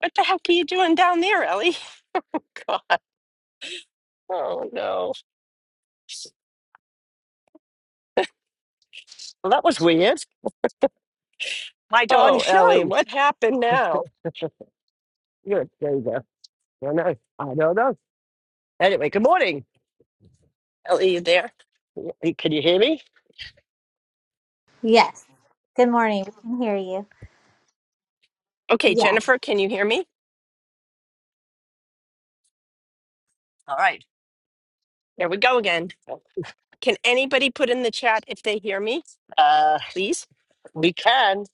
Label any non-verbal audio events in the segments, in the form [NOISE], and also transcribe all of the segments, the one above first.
What the heck are you doing down there, Ellie? [LAUGHS] God. Oh, no. Well, that was weird. My darn Oh, Ellie, show. what happened [LAUGHS] now? You're a diva. I know. I don't know. Anyway, good morning. Ellie, you there? Y- Can you hear me? Yes. Good morning. We can hear you. Okay, Yes. Jennifer, can you hear me? All right. There we go again. Can anybody put in the chat if they hear me, Uh, please? we can.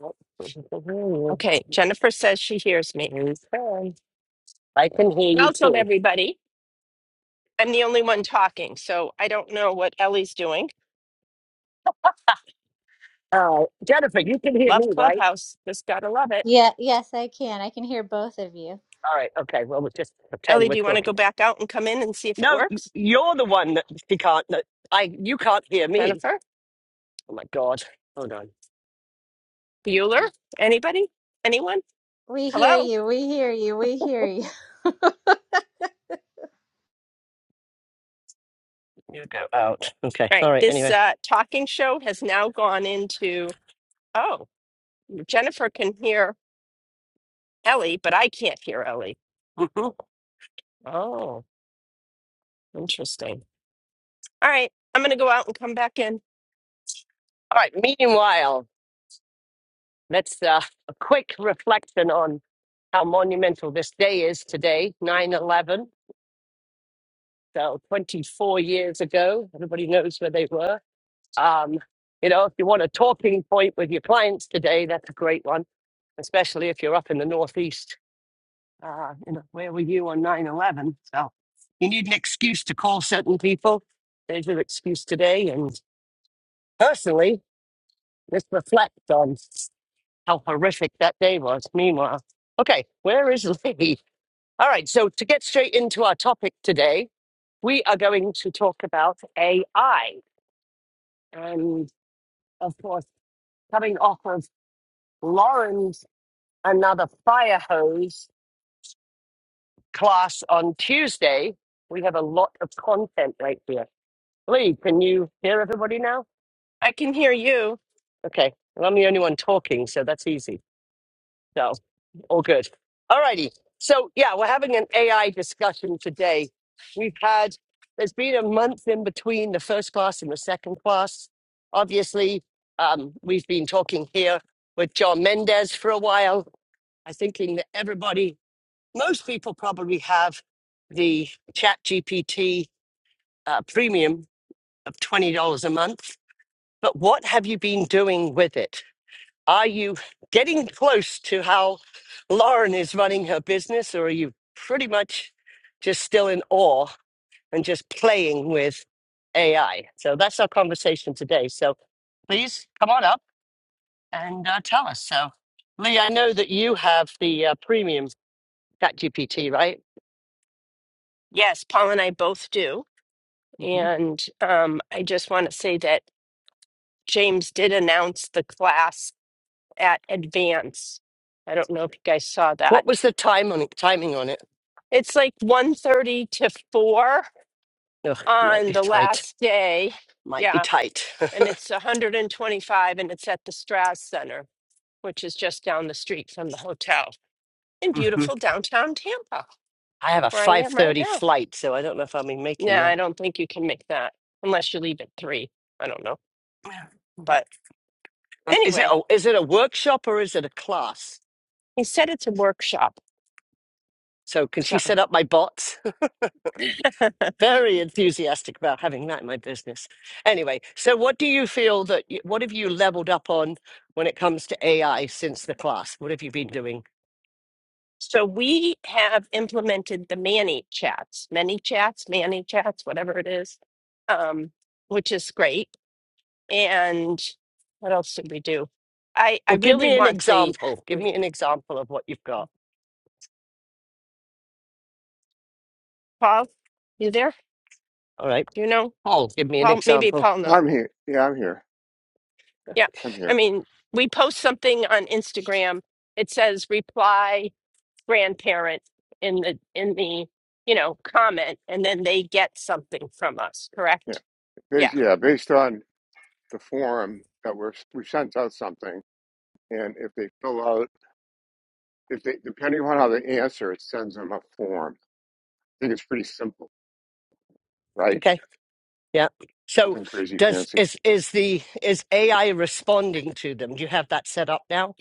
We can hear you. Okay, Jennifer says she hears me. We can. I can hear you Welcome, too. everybody. I'm the only one talking, so I don't know what Ellie's doing. Uh, Jennifer, you can hear Love me, right? Clubhouse. Just gotta love it. Yeah, yes, I can. I can hear both of you. All right. Okay. Well, we'll just pretend Ellie, we're do you want to go talking. back out and come in and see if it No, y- works? you're the one that she can't. That I. You can't hear me. Jennifer? Oh my God. Hold on. Bueller? Anybody? Anyone? We Hello? hear All you. We hear you. We hear you. You go out. Okay. All right. right. This Anyway. uh, talking show has now gone into. Oh, Jennifer can hear Ellie, but I can't hear Ellie. Mhm. All Oh, interesting. All right. I'm going to go out and come back in. right. Meanwhile. That's uh, a quick reflection on how monumental this day is today, 9 11, So 24 years ago, everybody knows where they were. Um, you know, if you want a talking point with your clients today, that's a great one, especially if you're up in the Northeast. Uh, you know, where were you on 9 11? So you need an excuse to call certain people. There's your excuse today. And personally, let's reflect on how horrific that day was. Meanwhile, okay, where is Lee? All right, so to get straight into our topic today, we are going to talk about AI. And of course, coming off of Lauren's Another Fire Hose class on Tuesday, we have a lot of content right here. Lee, can you hear everybody now? I can hear you. Okay, well, I'm the only one talking, so that's easy. So, all good. All righty. So, yeah, we're having an AI discussion today. We've had, there's been a month in between the first class and the second class. Obviously, um, we've been talking here with John Mendez for a while. I think in that everybody, most people probably have the Chat GPT uh, premium of $20 a month. But what have you been doing with it? Are you getting close to how Lauren is running her business, or are you pretty much just still in awe and just playing with AI? So that's our conversation today. So please come on up and uh, tell us. So, Lee, I know that you have the uh, premium ChatGPT, right? Yes, Paul and I both do. hmm And um, I just want to say that. James did announce the class at Advance. I don't know if you guys saw that. What was the time on it, timing on it? It's like one thirty to 4 Ugh, might on be the tight. last day. Might be Yeah, tight. and [LAUGHS] it's 125 and twenty-five and it's at the Strass Center, which is just down the street from the hotel in hmm beautiful downtown Tampa, I have a where I am right 5:30 now. flight, so I don't know if I'll be making Yeah, I that. don't think you can make that unless you leave at 3. I don't know. Yeah. But Um, Is it anyway, a, is it a workshop or is it a class? he said it's a workshop. So can so she set up my bots? [LAUGHS] Very enthusiastic about having that in my business. Anyway, so what do you feel that you, what have you leveled up on when it comes to AI since the class? What have you been doing? So we have implemented the Manny chats, many chats, Manny chats, whatever it is, um, which is great. And what else did we do? I, I Well, give really me an want the example. Give me an example of what you've got. Paul. You there? All right, Do you know Paul, give me an Paul? Maybe example. Paul knows. I'm here. Yeah, I'm here. Yeah. I'm I here. mean, we post something on Instagram. It says reply grandparent in the in the you know comment, and then they get something from us. Yeah, Correct? Yeah. based, yeah, based on the form that we're we sent out something, and if they fill out, if they depending on how they answer, it sends them a form. I think it's pretty simple, right? Okay, yeah. So Nothing crazy does fancy. is is the is AI responding to them? Do you have that set up now?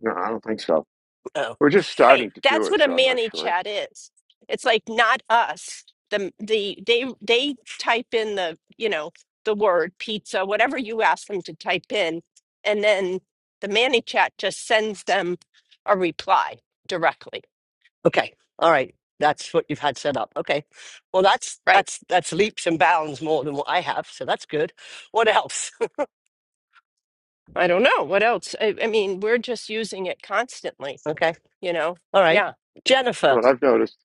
No, I don't think so. No. We're just Wait, starting to do that's it, what a so I'm not manny sure. chat is. It's like not us. The the they they type in the, you know, the word pizza, whatever you ask them to type in, and then the manny chat just sends them a reply directly. Okay. All right. That's what you've had set up. Okay. Well, that's Right. that's that's leaps and bounds more than what I have, so that's good. What else? I don't know what else. I, I mean, we're just using it constantly, [LAUGHS] okay. you know. All right. Yeah. Jennifer. But I've noticed.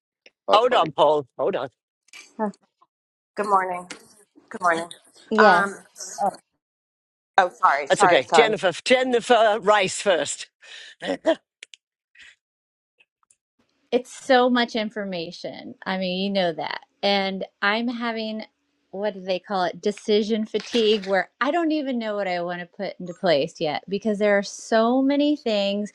Oh, Hold fine. on, Paul. Hold on. [LAUGHS] Good morning. Good morning. Um, Yes. Oh. oh, sorry, That's sorry, okay. sorry. Jennifer. Jennifer Rice first. [LAUGHS] I It's so much information. I mean, you know that. And I'm having, what do they call it? Decision fatigue, where I don't even know what I want to put into place yet because there are so many things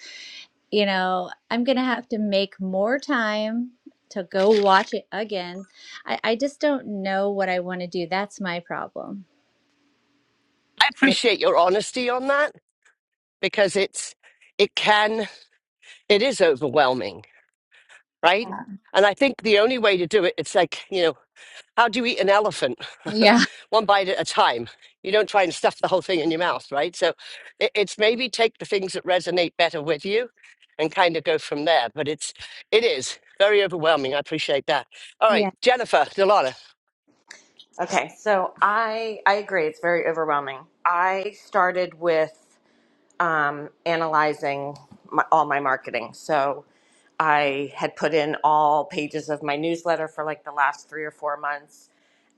you know, I'm gonna have to make more time to go watch it again. I, I just don't know what I want to do. That's my problem. appreciate your honesty on that because it's it can it is overwhelming, right? Yeah. And I think the only way to do it, it's like you know How do you eat an elephant? [LAUGHS] [LAUGHS] One bite at a time. You don't try and stuff the whole thing in your mouth, right? So it, it's maybe take the things that resonate better with you and kind of go from there. But it's it is very overwhelming. I appreciate that. All Yeah. right, Jennifer Delana, Okay, so I I agree. It's very overwhelming. I started with um, analyzing my, all my marketing. So I had put in all pages of my newsletter for like the last three or four months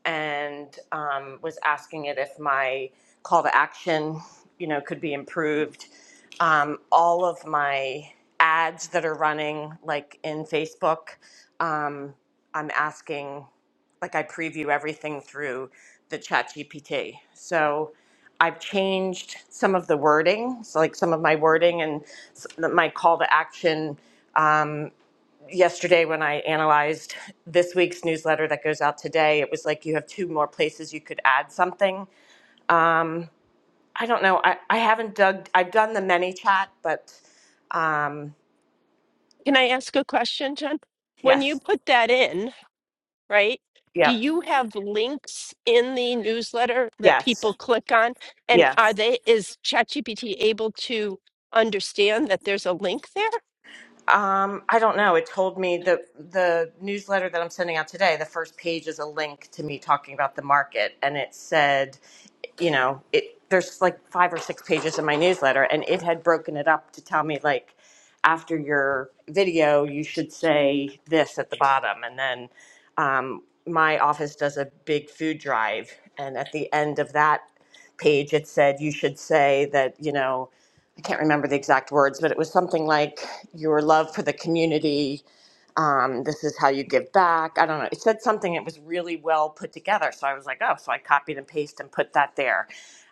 and um, was asking it if my call to action, you know, could be improved. Um, all of my ads that are running, like in Facebook, um, I'm asking, like I preview everything through the chat GPT. So I've changed some of the wording, so like some of my wording and s- my call to action. Um, yesterday, when I analyzed this week's newsletter that goes out today, it was like you have two more places you could add something. Um, I don't know. I, I haven't dug. I've done the many chat, but um, Can I ask a question, John? When you yes, put that in, right? Do yep, you have links in the newsletter that yes, people click on? And are yes. they, is ChatGPT able to understand that there's a link there? Um, I don't know. It told me the the newsletter that I'm sending out today. The first page is a link to me talking about the market, and it said it, you know, it there's like five or six pages in my newsletter, and it had broken it up to tell me like after your video, you should say this at the bottom, and then um, my office does a big food drive, and at the end of that page, it said you should say that you know. I can't remember the exact words, but it was something like your love for the community, um, this is how you give back. I don't know. It said something. It was really well put together. So I was like, oh, so I copied and pasted and put that there.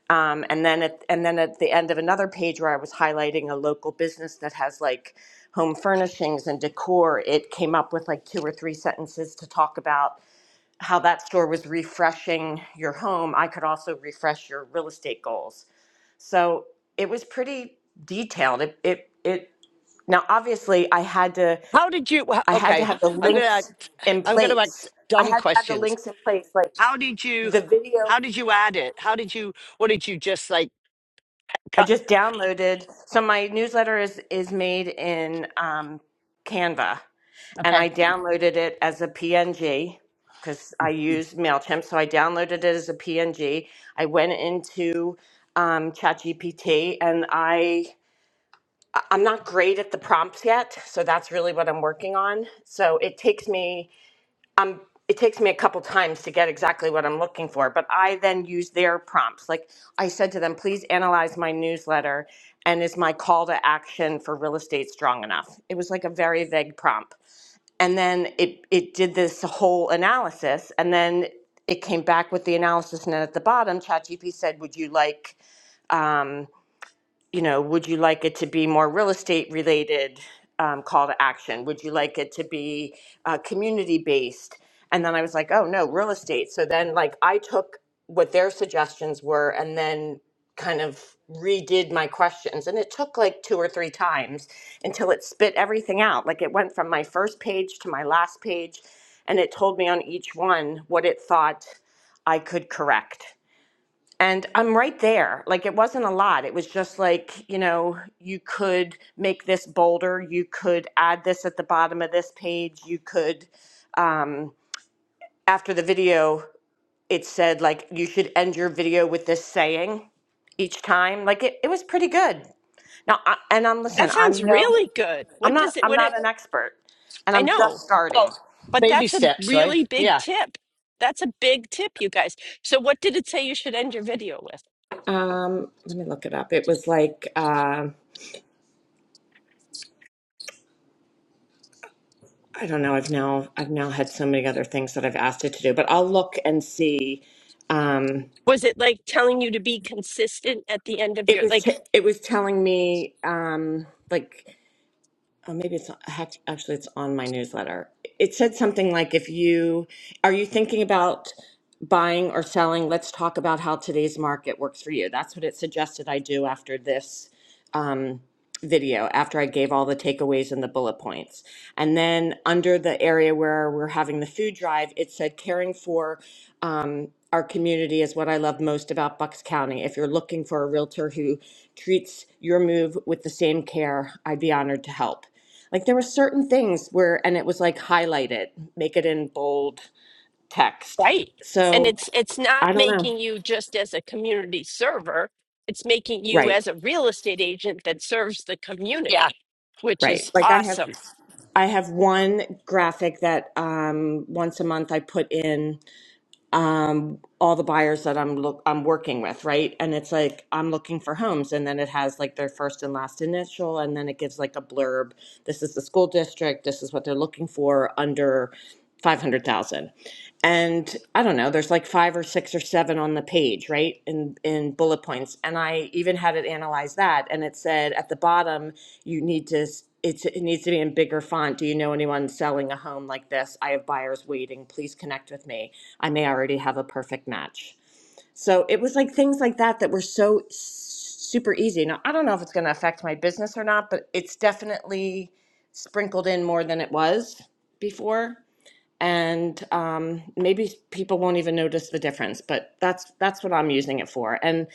Um, and then at, and then at the end of another page where I was highlighting a local business that has like home furnishings and decor, it came up with like two or three sentences to talk about how that store was refreshing your home. I could also refresh your real estate goals. So it was pretty detailed. It it it now obviously I had to how did you? wha- I had to Okay, have the I'm gonna links act, in I'm gonna act place. I dumb had to have the questions. links in place. Like How did you? the video How did you add it? How did you? What did you just like I cut? just downloaded. So my newsletter is is made in um, Canva, and I Okay. downloaded it as a PNG because I use Mailchimp. So I downloaded it as a PNG. I went into um, ChatGPT, and I I'm not great at the prompts yet, so that's really what I'm working on. So it takes me I'm it takes me a couple times to get exactly what I'm looking for, but I then use their prompts. Like I said to them, please analyze my newsletter and is my call to action for real estate strong enough? It was like a very vague prompt. And then it it did this whole analysis and then it came back with the analysis and then at the bottom ChatGPT said, would you like um, you know, would you like it to be more real estate related um, call to action? Would you like it to be uh, community based? And then I was like, oh no, real estate. So then, like, I took what their suggestions were and then kind of redid my questions. And it took like two or three times until it spit everything out. Like, it went from my first page to my last page, and it told me on each one what it thought I could correct. And I'm right there. Like it wasn't a lot. It was just like, you know, you could make this bolder. You could add this at the bottom of this page. You could, um, after the video, it said like you should end your video with this saying each time. Like it, it was pretty good. Now, I, and I'm listen. That sounds I'm no, really good. I'm What not. does it, I'm what it, not an expert, and I I'm just know, starting. Well, but baby that's a steps, right? really big Yeah, tip. That's a big tip, you guys. So what did it say you should end your video with? Um, let me look it up. It was like. uh, I don't know. I've now I've now had so many other things that I've asked it to do, but I'll look and see. Um, was it like telling you to be consistent at the end of it your was like t- it was telling me um, like oh, maybe it's not, hack- actually it's on my newsletter. It said something like if you are you thinking about buying or selling, let's talk about how today's market works for you. That's what it suggested I do after this um, video after I gave all the takeaways and the bullet points. And then under the area where we're having the food drive, it said caring for um, our community is what I love most about Bucks County. If you're looking for a realtor who treats your move with the same care, I'd be honored to help. Like there were certain things where, and it was like highlighted, make it in bold text. right and So it's it's not I don't know. making you just as a community server it's making you Right, as a real estate agent that serves the community yeah. which right. is Like I have. awesome I have one graphic that um, once a month I put in um, all the buyers that I'm look I'm working with, right? And it's like I'm looking for homes, and then it has like their first and last initial, and then it gives like a blurb. This is the school district. This is what they're looking for under five hundred thousand. And I don't know. There's like five or six or seven on the page, right? In in bullet points, and I even had it analyze that, and it said at the bottom you need to. s- it's it needs to be in bigger font. Do you know anyone selling a home like this? I have buyers waiting. Please connect with me. I may already have a perfect match. So it was like things like that that were so s- super easy. Now, I don't know if it's going to affect my business or not, but it's definitely sprinkled in more than it was before and um, maybe people won't even notice the difference but that's that's what i'm using it for and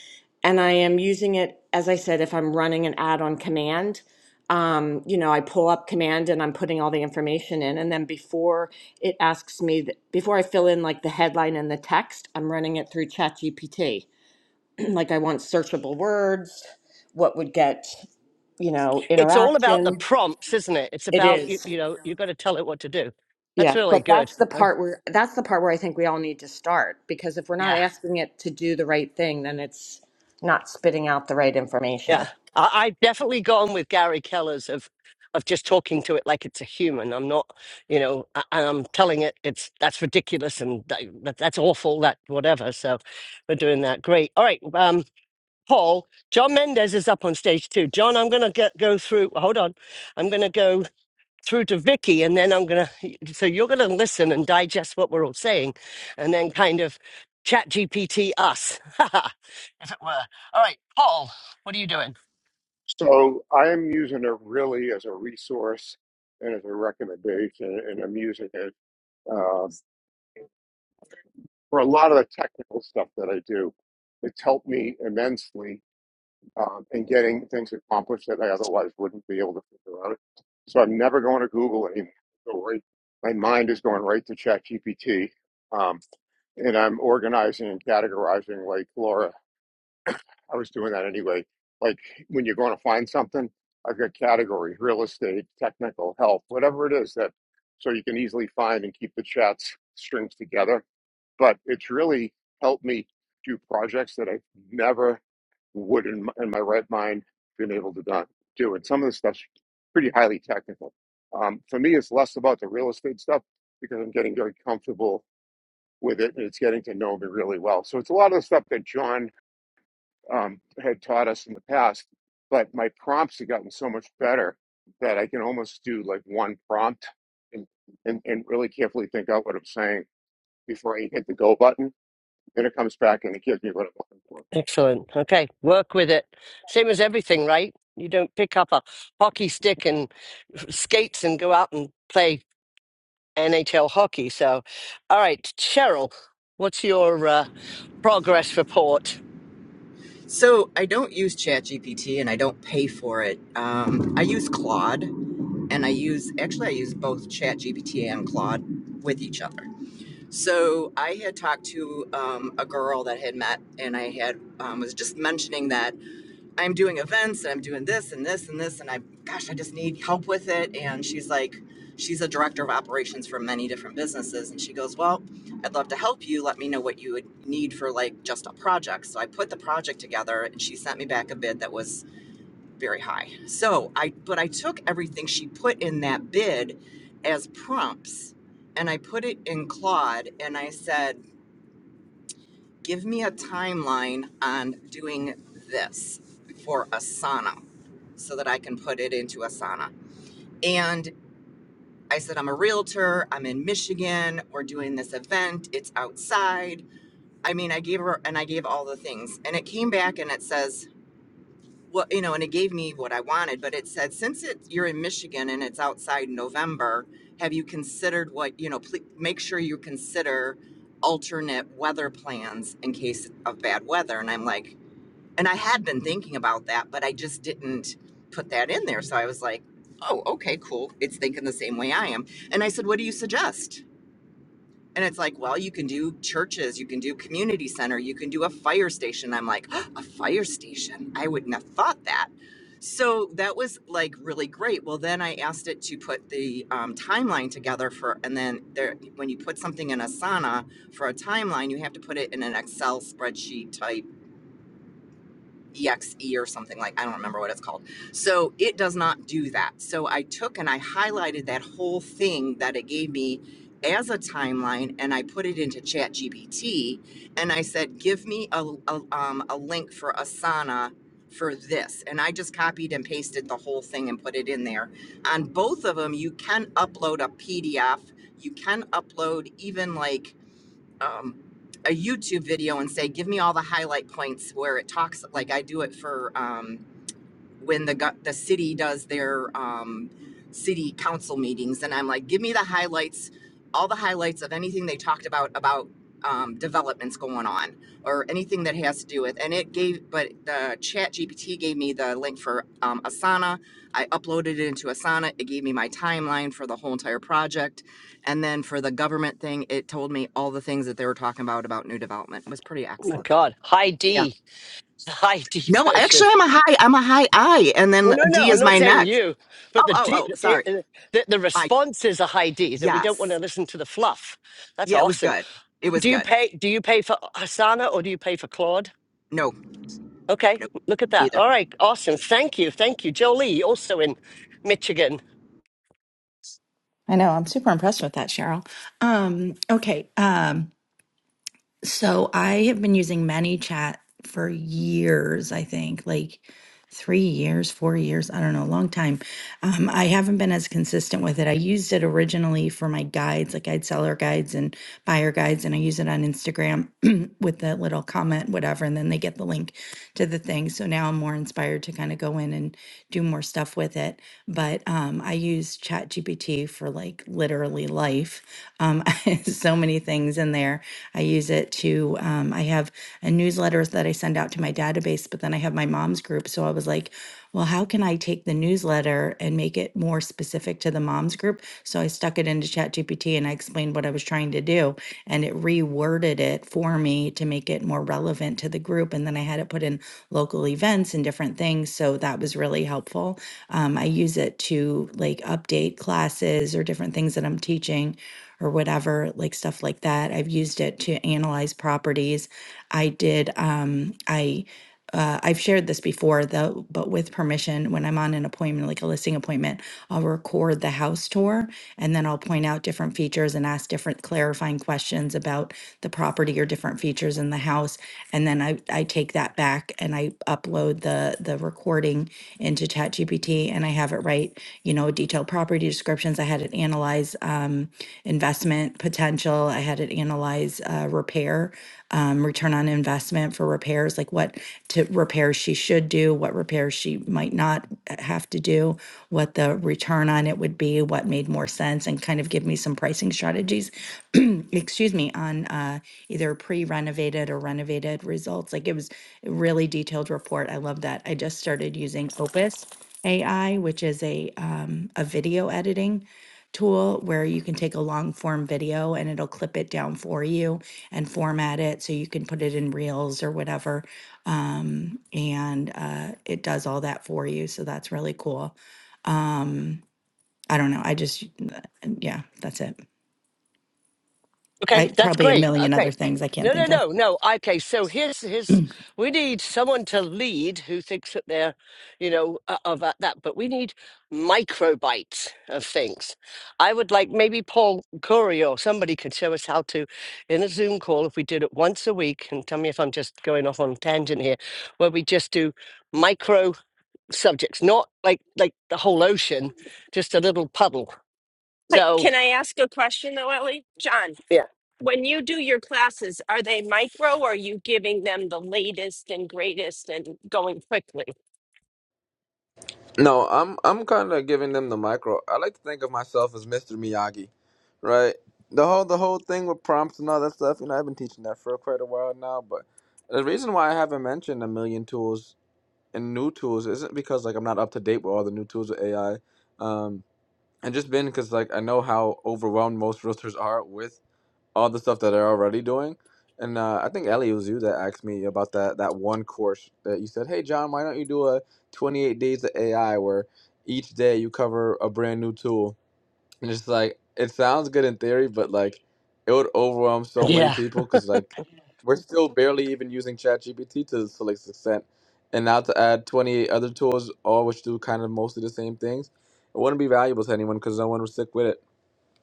and i am using it as i said if i'm running an ad on command um, you know i pull up command and i'm putting all the information in and then before it asks me th- before i fill in like the headline and the text i'm running it through ChatGPT. [CLEARS THROAT] like i want searchable words what would get you know it's all about the interaction prompts, isn't it? It's it about you, is you know, you've got to tell it what to do. That's Yeah, really but good. that's the I, part where that's the part where I think we all need to start because if we're not Yeah. asking it to do the right thing, then it's not spitting out the right information. yeah, I, I've definitely gone with Gary Keller's of of just talking to it like it's a human. I'm not, you know, a- and I'm telling it it's that's ridiculous and that, that- that's awful. That whatever. So we're doing that. Great. All right, um, Paul. John Mendez is up on stage too. John, I'm gonna get, go through. Hold on, I'm gonna go. through to Vicky, and then I'm gonna. So you're gonna listen and digest what we're all saying, and then kind of chat GPT us, [LAUGHS] if it were. All right, Paul, what are you doing? So I am using it really as a resource and as a recommendation, and I'm using it. uh, for a lot of the technical stuff that I do. It's helped me immensely um, in getting things accomplished that I otherwise wouldn't be able to figure out. So I'm never going to Google anymore. Go right, my mind is going right to ChatGPT, um, and I'm organizing and categorizing like Laura. I was doing that anyway. Like when you're going to find something, I've got categories: real estate, technical, health, whatever it is that, so you can easily find and keep the chats strings together but it's really helped me do projects that I never would in my, in my right mind been able to done, do. And some of the stuff's pretty highly technical. Um, for me, it's less about the real estate stuff because I'm getting very comfortable with it and it's getting to know me really well. So it's a lot of the stuff that John um, had taught us in the past, but my prompts have gotten so much better that I can almost do like one prompt and, and, and really carefully think out what I'm saying before I hit the go button and it comes back and it gives me what I'm looking for. Excellent. Okay, work with it. Same as everything, right? You don't pick up a hockey stick and skates and go out and play NHL hockey. So, all right, Cheryl, what's your uh, progress report? So I don't use ChatGPT and I don't pay for it. Um, I use Claude and I use actually I use both ChatGPT and Claude with each other. So I had talked to um, a girl that I had met and I had um, was just mentioning that I'm doing events and I'm doing this and this and this and I gosh, I just need help with it. And she's like, she's a director of operations for many different businesses. And she goes, Well, I'd love to help you. Let me know what you would need for like just a project. So I put the project together and she sent me back a bid that was very high. So I but I took everything she put in that bid as prompts and I put it in Claude and I said, give me a timeline on doing this for Asana so that I can put it into Asana. And I said, I'm a realtor. I'm in Michigan. We're doing this event. It's outside. I mean, I gave her and I gave all the things. And it came back and it says, well, you know, and it gave me what I wanted, but it said, since it, you're in Michigan and it's outside in November, have you considered what, you know, please make sure you consider alternate weather plans in case of bad weather. And I'm like, and I had been thinking about that, but I just didn't put that in there. So I was like, oh, okay, cool. It's thinking the same way I am. And I said, what do you suggest? And it's like, well, you can do churches, you can do community center, you can do a fire station. I'm like, [GASPS] a fire station? I wouldn't have thought that. So that was like really great. Well, then I asked it to put the um, timeline together for, and then there, when you put something in Asana for a timeline, you have to put it in an Excel spreadsheet type EXE or something like I don't remember what it's called. So it does not do that. So I took and I highlighted that whole thing that it gave me as a timeline and I put it into ChatGPT and I said, give me a, a, um, a link for Asana for this. And I just copied and pasted the whole thing and put it in there. On both of them, you can upload a PDF. You can upload even like um, a YouTube video and say, give me all the highlight points where it talks, like I do it for um, when the the city does their um, city council meetings, and I'm like, give me the highlights, all the highlights of anything they talked about about um, developments going on or anything that has to do with. And it gave, but the Chat GPT gave me the link for um, Asana. I uploaded it into Asana. It gave me my timeline for the whole entire project, and then for the government thing, it told me all the things that they were talking about about new development. It was pretty Oh my excellent. God, high Yeah. D, [LAUGHS] high D No, version. actually, I'm a high. I'm a high I, and Well, then no, D no, I'm is not my saying next. you, but Oh, the oh, D, oh, it, sorry. it- the, the I response is a high D that we don't want to yes. listen to the fluff. That's Yeah, it was awesome. good. It was Do you good. pay? Do you pay for Hasana or do you pay for Claude? No, Okay, no, look at that. neither. All right, awesome. Thank you, thank you, Jolie, also in Michigan. I know. I'm super impressed with that, Cheryl. Um, okay. Um, so I have been using ManyChat for years, I think, like three years, four years, I don't know, a long time. Um, I haven't been as consistent with it. I used it originally for my guides, like I'd seller guides and buyer guides, and I use it on Instagram [CLEARS THROAT] with the little comment, whatever, and then they get the link to the thing. So now I'm more inspired to kind of go in and do more stuff with it but um, I use ChatGPT for like literally life. Um, [LAUGHS] so many things in there. I use it to, um, I have a newsletter that I send out to my database, but then I have my mom's group. So I was like, well, how can I take the newsletter and make it more specific to the mom's group? group. So I stuck it into ChatGPT and I explained what I was trying to do, and it reworded it for me to make it more relevant to the group. And then I had it put in local events and different things. So that was really helpful. Um, I use it to like update classes or different things that I'm teaching or whatever, like stuff like that. I've used it to analyze properties. I did, um, I uh, I've shared this before, though, but with permission, when I'm on an appointment, like a listing appointment, I'll record the house tour and then I'll point out different features and ask different clarifying questions about the property or different features in the house. And then I, I take that back and I upload the, the recording into ChatGPT and I have it write, you know, detailed property descriptions. I had it analyze um, investment potential, I had it analyze uh, repair, um, return on investment for for repairs, like what to repairs she should do, what repairs she might not have to do, what the return on it would be, what made more sense, and kind of give me some pricing strategies. [CLEARS THROAT] excuse me, on uh, either pre-renovated or renovated results. Like it was a really detailed report. I love that. I just started using Opus AI, which is a um, a video editing tool where you can take a long form video and it'll clip it down for you and format it so you can put it in reels or whatever. Um, and uh, it does all that for you. So that's really cool. I don't know. I just, uh, yeah, that's it. Okay, I that's probably a great. million other Okay. things I can't No, no, think of. no, no. Okay, so here's here's we need someone to lead who thinks that they're, you know, uh, of that, that, but we need microbites of things. I would like maybe Paul Curry or somebody could show us how to, in a Zoom call, if we did it once a week, and tell me if I'm just going off on a tangent here, where we just do micro subjects, not like like the whole ocean, just a little puddle. but So can i ask a question though ellie john yeah, when you do your classes are they micro or are you giving them the latest and greatest and going quickly No, I'm I'm kind of giving them the micro. I like to think of myself as Mr. Miyagi, right? The whole the whole thing with prompts and all that stuff. You know, I've been teaching that for quite a while now. But the reason why I haven't mentioned a million tools and new tools isn't because like I'm not up to date with all the new tools of AI, um, and just been because like I know how overwhelmed most realtors are with all the stuff that they're already doing. And uh, I think Ellie it was you that asked me about that that one course that you said, "Hey John, why don't you do a 28 days of AI where each day you cover a brand new tool?" And it's like it sounds good in theory, but like it would overwhelm so many yeah. people because like we're still barely even using ChatGPT to to like extent, and now to add 28 other tools, all which do kind of mostly the same things, it wouldn't be valuable to anyone because no one would stick with it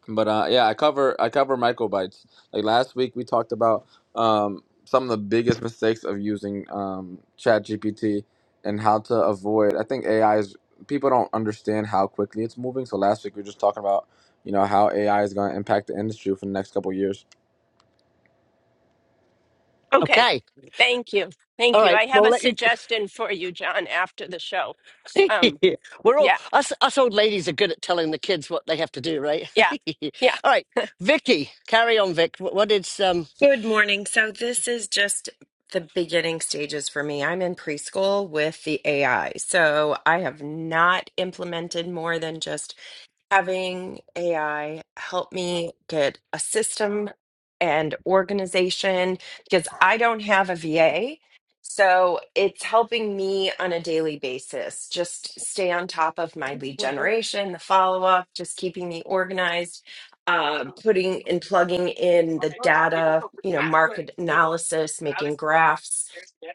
but uh, yeah, I cover I cover microbytes. Like last week, we talked about um, some of the biggest mistakes of using um, ChatGPT and how to avoid. I think AI is people don't understand how quickly it's moving. So last week we were just talking about you know how AI is going to impact the industry for the next couple of years. okay Okay. thank you All thank you right. i Well, have a let you. suggestion for you john after the show [LAUGHS] um We're all yeah us us old ladies are good at telling the kids what they have to do, right? Yeah. [LAUGHS] Yeah. all right, Vicky, carry on, Vic. What, what is um? Good morning. So this is just the beginning stages for me. I'm in preschool with the AI. So I have not implemented more than just having AI help me get a system and organization because I don't have a VA. So it's helping me on a daily basis just stay on top of my lead generation, the follow up, just keeping me organized, uh, putting and plugging in the data, you know, market analysis, making graphs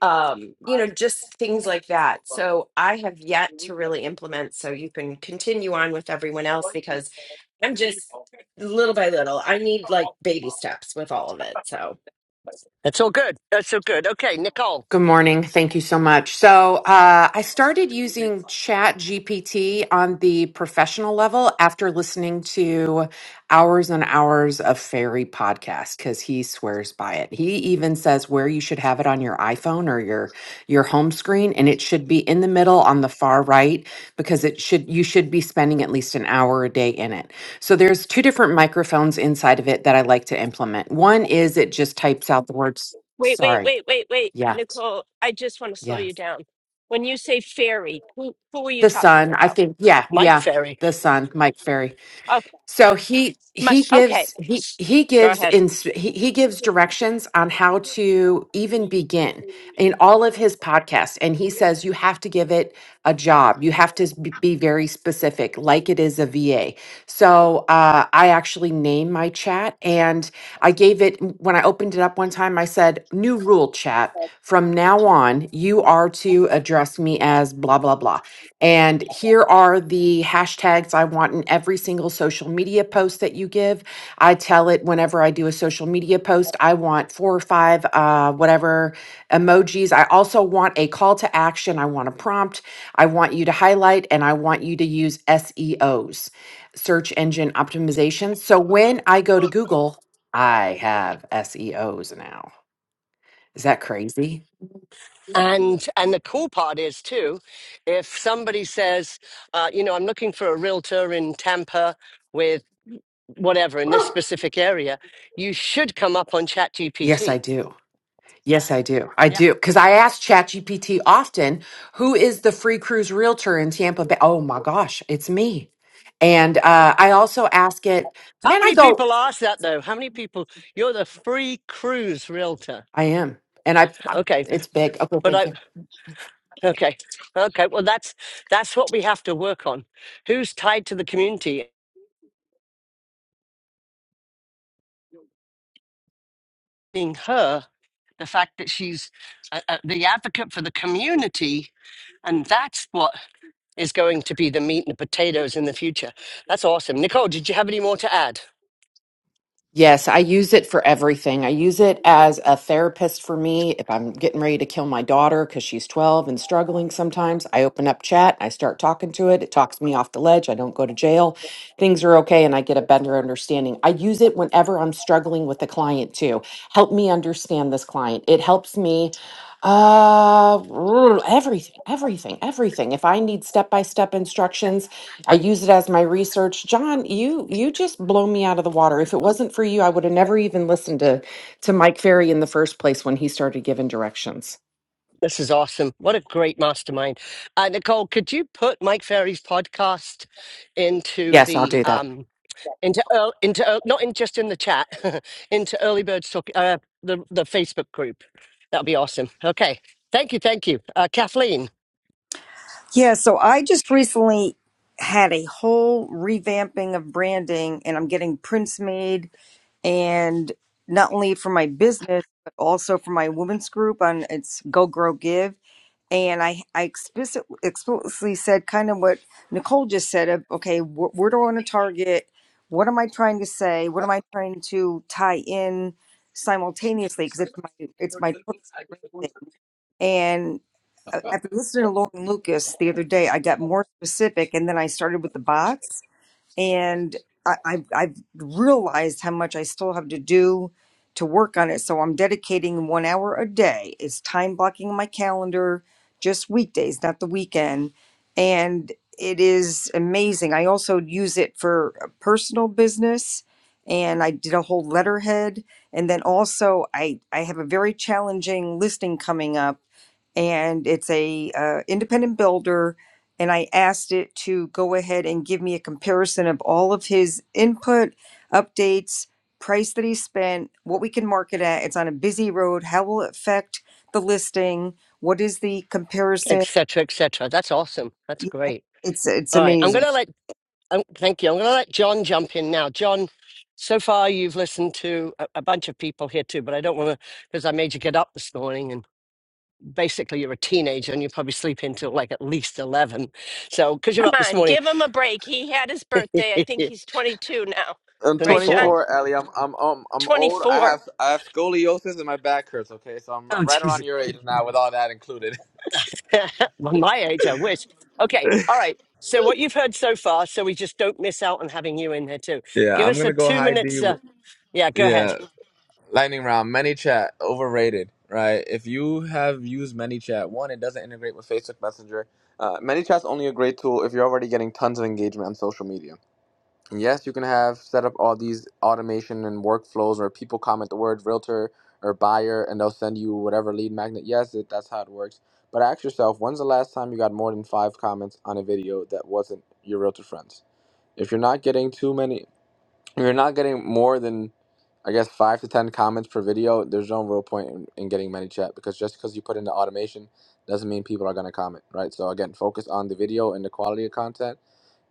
um you know just things like that so i have yet to really implement so you can continue on with everyone else because i'm just little by little i need like baby steps with all of it so That's all good. That's all good. Okay, Nicole, Good morning. Thank you so much. So, uh, I started using Chat GPT on the professional level after listening to hours and hours of Fairy podcast because he swears by it. He even says where you should have it on your iPhone or your your home screen, and it should be in the middle on the far right because it should you should be spending at least an hour a day in it. So, there's two different microphones inside of it that I like to implement. One is it just types out the words. Wait, wait, Sorry. wait, wait, wait. Yeah. Nicole, I just want to slow Yeah. you down. When you say fairy, who who are you The talking son, I about? think. Yeah, Mike yeah. Ferry, The son, Mike Ferry. Okay. So he My, he okay. gives he s- he Go gives ahead. in he, he gives directions on how to even begin in all of his podcasts and he says you have to give it a job you have to s- be be very specific like it is a va so uh, i actually named my chat and i gave it when i opened it up one time i said new rule chat from now on you are to address me as blah blah blah And here are the hashtags I want in every single social media post that you give. I tell it whenever I do a social media post, I want four or five, uh, whatever emojis. I also want a call to action. I want a prompt. I want you to highlight and I want you to use SEOs, search engine optimization. So when I go to Google, I have SEOs now. Is that crazy? and and the cool part is too, if somebody says, uh, you know, I'm looking for a realtor in Tampa with whatever in this specific area, you should come up on Yes, I ChatGPT. do. Yes, I do. I Yeah. do. Because I ask ChatGPT often, who is the free cruise realtor in Tampa Bay? Oh my gosh, it's me. And uh, I also ask it, How man, I many go, people ask that though? How many people? You're the free cruise realtor. I am. And I, Okay, it's big. Okay, but thank I, you. Okay. Okay. Well, that's that's what we have to work on. Who's tied to the community? Being her, the fact that she's uh uh the advocate for the community, and that's what is going to be the meat and the potatoes in the future. That's awesome. Nicole, did you have any more to add? Yes, I use it for everything. I use it as a therapist for me. If I'm getting ready to kill my daughter because she's 12 and struggling sometimes, I open up chat, I start talking to it. It talks me off the ledge. I don't go to jail. Things are okay, and I get a better understanding. I use it whenever I'm struggling with a client too. Help me understand this client. It helps me uh [GRUNTS] everything everything everything if i need step by step instructions I use it as my research. John, you you just blow me out of the water. If it wasn't for you, I would have never even listened to to Mike Ferry in the first place when he started giving directions. This is awesome. What a great mastermind. Uh, Nicole, could you put Mike Ferry's podcast into Yes, I'll the do that. um, into earl into earl not in just in the chat [LAUGHS] into early birds talk uh, the the facebook group that will be awesome okay thank you thank you uh, kathleen Yeah, so I just recently had a whole revamping of branding and I'm getting prints made and not only for my business but also for my women's group on it's Go Grow Give and I I explicit, explicitly said kind of what Nicole just said of okay, wh- where do I want to target? What am I trying to say? What am I trying to tie in simultaneously because it's my it's my total thing after listening to Lauren Lucas the other day, I got more specific, and then I started with the bots and I, I've, I've realized how much I still have to do to work on it. So I'm dedicating one hour a day. It's time blocking my calendar, just weekdays, not the weekend. And it is amazing. I also use it for a personal business and I did a whole letterhead. And then also I, I have a very challenging listing coming up and it's a uh, independent builder and I asked it to go ahead and give me a comparison of all of his input, updates, price that he spent, what we can market at. It's on a busy road. How will it affect the listing? What is the comparison? etc etc that's awesome that's Yeah, great It's it's all right i'm amazing. gonna let um, thank you i'm gonna let john jump in now john so far you've listened to a, a bunch of people here too but i don't want to because i made you get up this morning basically you're a teenager and you probably sleep until like at least 11 so because you're Come up this on, morning give him a break. He had his [LAUGHS] birthday. I think he's 22 now. I'm Right, 24 John? 24, Ellie. I'm I'm um, I'm old. I 24. have I have scoliosis and my back hurts. Okay, so I'm Oh, right around your age [LAUGHS] now with all that included. [LAUGHS] [LAUGHS] well, my age i wish okay all right so what you've heard so far so we just don't miss out on having you in here too Yeah, give I'm us a gonna go two high D. minutes uh, yeah go Yeah, ahead lightning round manychat overrated right if you have used manychat one it doesn't integrate with facebook messenger uh, manychat's only a great tool if you're already getting tons of engagement on social media and yes you can have set up all these automation and workflows where people comment the word realtor or buyer and they'll send you whatever lead magnet yes it, that's how it works but ask yourself when's the last time you got more than five comments on a video that wasn't your realtor friends if you're not getting too many if You're not getting more than, I guess, five to ten comments per video. There's no real point in, in getting many chat because just because you put in the automation doesn't mean people are going to comment, right? So again, focus on the video and the quality of content.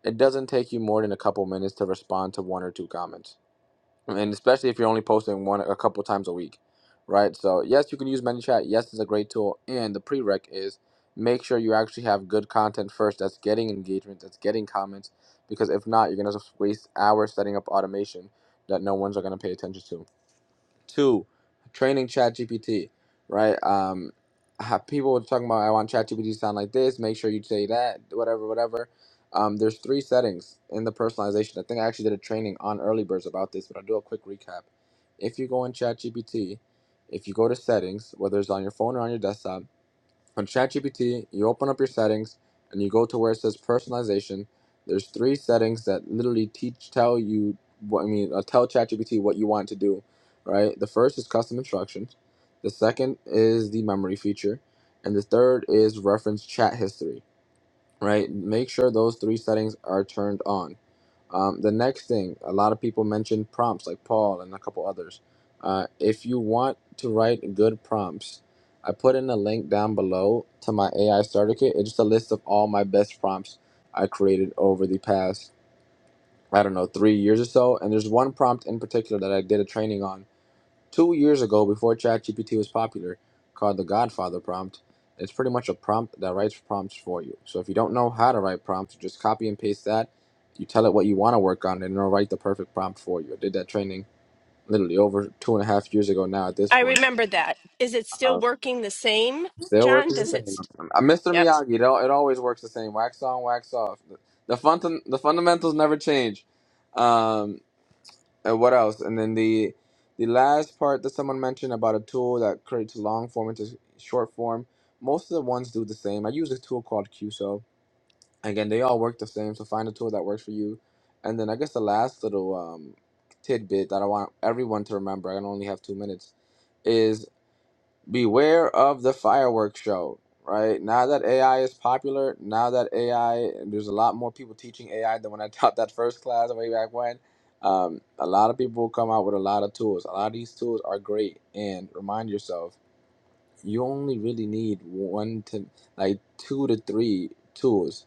It doesn't take you more than a couple minutes to respond to one or two comments and especially if you're only posting one a couple times a week, right? So yes, you can use ManyChat. Yes, it's a great tool, and the prereq is make sure you actually have good content first that's getting engagement, that's getting comments, because if not, you're gonna waste hours setting up automation that no one's gonna pay attention to. Two, training ChatGPT, right? Um, ha- people were talking about I want ChatGPT to sound like this. Make sure you say that, whatever, whatever. Um, there's three settings in the personalization. I think I actually did a training on early birds about this, but I'll do a quick recap. If you go in ChatGPT, if you go to settings, whether it's on your phone or on your desktop, on ChatGPT, you open up your settings and you go to where it says personalization. There's three settings that literally teach tell you what I mean, uh, tell ChatGPT what you want to do, right? The first is custom instructions, the second is the memory feature, and the third is reference chat history, right? Make sure those three settings are turned on. Um, the next thing, a lot of people mentioned prompts like Paul and a couple others. Uh, if you want to write good prompts, I put in a link down below to my AI starter kit. It's just a list of all my best prompts I created over the past, I don't know, three years or so. And there's one prompt in particular that I did a training on two years ago before ChatGPT was popular, called the Godfather prompt. It's pretty much a prompt that writes prompts for you. So if you don't know how to write prompts, just copy and paste that. You tell it what you want to work on, and it'll write the perfect prompt for you. I did that training literally over two and a half years ago now. At this I point, remember that. Is it still uh, working the same, still John? working the Does it same. st- Uh, Mr. Yep. Miyagi, it, al- it always works the same: wax on, wax off. The, the, fun, the fundamentals never change. Um, And what else? And then the the last part that someone mentioned about a tool that creates long form into short form. Most of the ones do the same. I use a tool called QSO. Again, they all work the same. So find a tool that works for you. And then I guess the last little um, tidbit that I want everyone to remember. I only have two minutes. is beware of the fireworks show right now that ai is popular now that ai there's a lot more people teaching ai than when i [LAUGHS] taught that first class way back when um, a lot of people come out with a lot of tools a lot of these tools are great and remind yourself you only really need one to like two to three tools,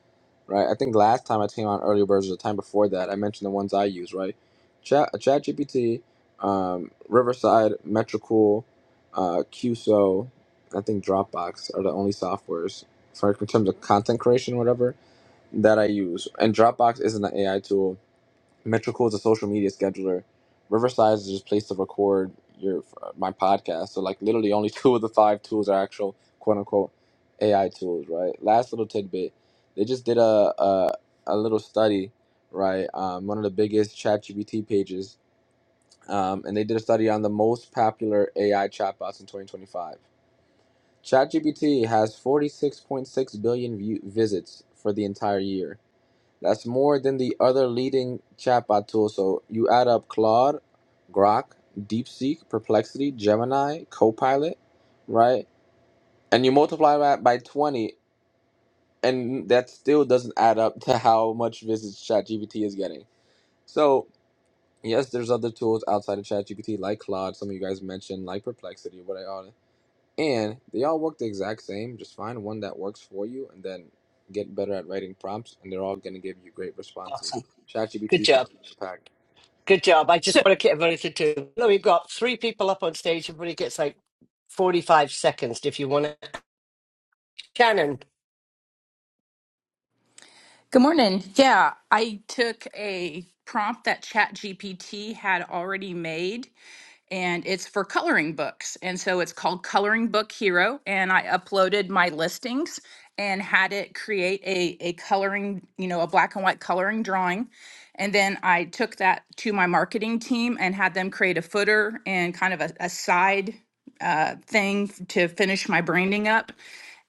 right? I think last time I came on earlier versions, the time before that, I mentioned the ones I use, right? Chat ChatGPT, um, Riverside, Metricool, uh, QSO, I think Dropbox are the only softwares for in terms of content creation, whatever that I use. And Dropbox isn't an AI tool Metrical is a social media scheduler. Riverside is just a place to record your my podcast. So like literally only [LAUGHS] two of the five tools are actual quote unquote AI tools, right? Last little tidbit, they just did a a, a little study, right? Um, one of the biggest ChatGPT pages, um, and they did a study on the most popular AI chatbots in 2025. ChatGPT has 46.6 billion view- visits for the entire year. That's more than the other leading chatbot tools. So you add up Claude, Grok, DeepSeek, Perplexity, Gemini, Copilot, right? And you multiply that by 20, and that still doesn't add up to how much visits ChatGPT is getting. So yes, there's other tools outside of ChatGPT like Claude, some of you guys mentioned, like Perplexity, what I all and they all work the exact same. Just find one that works for you and then get better at writing prompts, and they're all going to give you great responses. awesome good ChatGPT still job in the pack. good job i So just want to get everybody to do no we've got three people up on stage everybody gets like 45 seconds if you want to shannon Good morning. Yeah, I took a prompt that ChatGPT had already made, and it's for coloring books. And so it's called Coloring Book Hero. And I uploaded my listings and had it create a, a coloring, you know, a black and white coloring drawing. And then I took that to my marketing team and had them create a footer and kind of a, a side uh, thing to finish my branding up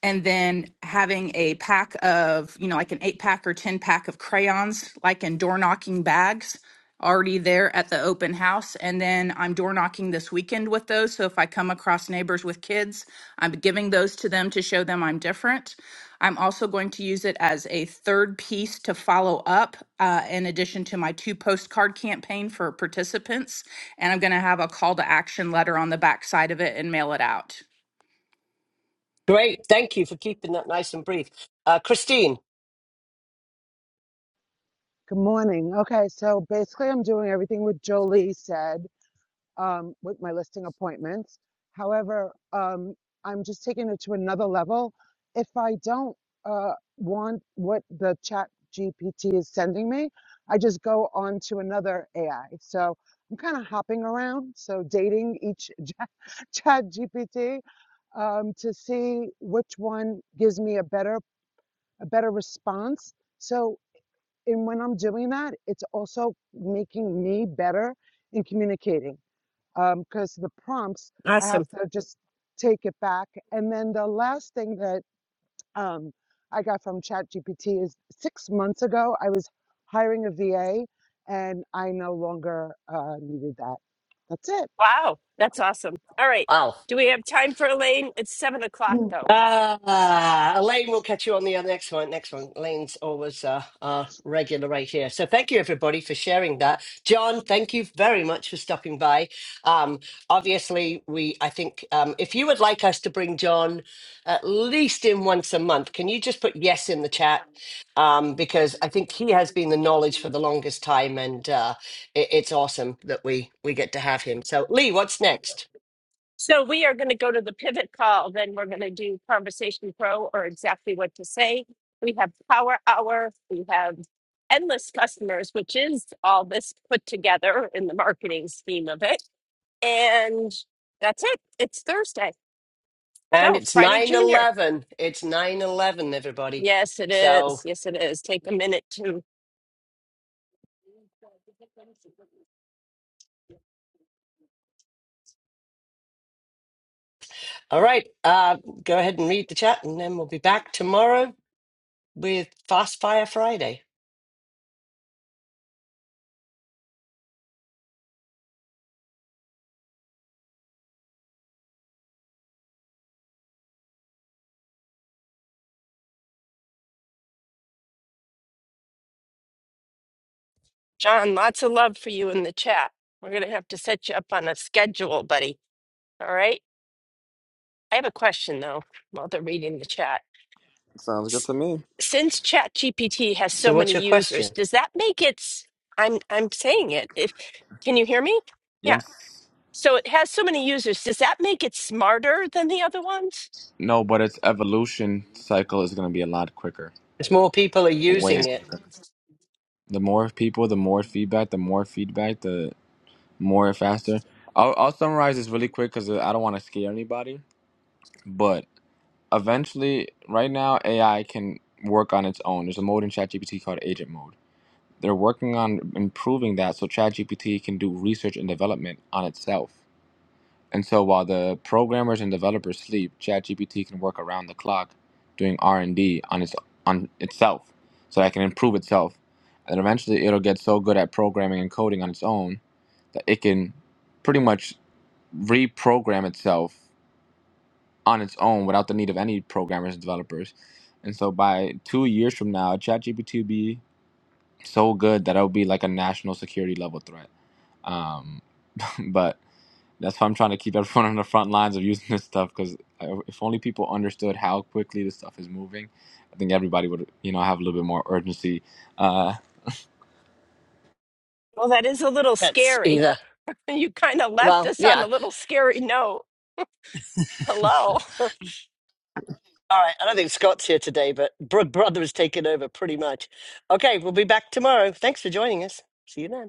and then having a pack of, you know, like an eight pack or 10 pack of crayons, like in door knocking bags, already there at the open house. And then I'm door knocking this weekend with those. So if I come across neighbors with kids, I'm giving those to them to show them I'm different. I'm also going to use it as a third piece to follow up, uh, in addition to my two postcard campaign for participants. And I'm going to have a call to action letter on the back side of it and mail it out. great thank you for keeping that nice and brief uh, christine Good morning. Okay, so basically, I'm doing everything what Jolie said um, with my listing appointments. However, um, I'm just taking it to another level. If I don't uh, want what the chat GPT is sending me, I just go on to another AI. So I'm kind of hopping around, so dating each [LAUGHS] chat GPT um, to see which one gives me a better a better response. So and when I'm doing that, it's also making me better in communicating because the prompts I have awesome. to just take it back. And then the last thing that um, I got from ChatGPT is six months ago I was hiring a VA, and I no longer uh, needed that. That's it. Wow. That's awesome. All right. wow. Do we have time for Elaine? It's seven o'clock though. Ah, Elaine, we'll catch you on the other next one. Next one. Elaine's always uh, our regular right here. So thank you, everybody, for sharing that. John, thank you very much for stopping by. Um, obviously, we, I think, um, if you would like us to bring John at least in once a month, can you just put yes in the chat? Um, because I think he has been the knowledge for the longest time, and uh, it, it's awesome that we we get to have him. So, Lee, what's next? So we are going to go to the pivot call. Then we're going to do conversation pro or exactly what to say. We have power hour. We have endless customers, which is all this put together in the marketing scheme of it. And that's it. It's Thursday. And So it's Friday 9 Junior. 11. It's 9 11, everybody. Yes, it So, is. Yes, it is. Take a minute to all right, uh, go ahead and read the chat, and then we'll be back tomorrow with Fast Fire Friday. John. Lots of love for you in the chat. We're going to have to set you up on a schedule, buddy. All right. I have a question though while they're reading the chat. Sounds good to me. since ChatGPT has so So, what's many your users, question? does that make its I'm I'm saying it. If can you hear me? Yeah. Yes. So it has so many users. Does that make it smarter than the other ones? No, but its evolution cycle is going to be a lot quicker. As more people are using Wait, Okay. it, the more people, the more feedback, the more feedback, the more faster. I'll, I'll summarize this really quick because I don't want to scare anybody. But eventually, right now, AI can work on its own. There's a mode in ChatGPT called agent mode. They're working on improving that so ChatGPT can do research and development on itself. And so while the programmers and developers sleep, ChatGPT can work around the clock doing R&D on its on itself so that it can improve itself. And eventually it'll get so good at programming and coding on its own that it can pretty much reprogram itself on its own without the need of any programmers and developers. And so by two years from now, ChatGPT will be so good that it would be like a national security level threat. Um, [LAUGHS] but that's why I'm trying to keep everyone on the front lines of using this stuff because if only people understood how quickly this stuff is moving, I think everybody would you know have a little bit more urgency uh, Well, that is a little that's scary. [LAUGHS] either. You kind of left Well, us on yeah. a little scary note. Hello. [LAUGHS] All right. I don't think Scott's here today, but Bro- Brother has taken over pretty much. Okay. We'll be back tomorrow. Thanks for joining us. See you then.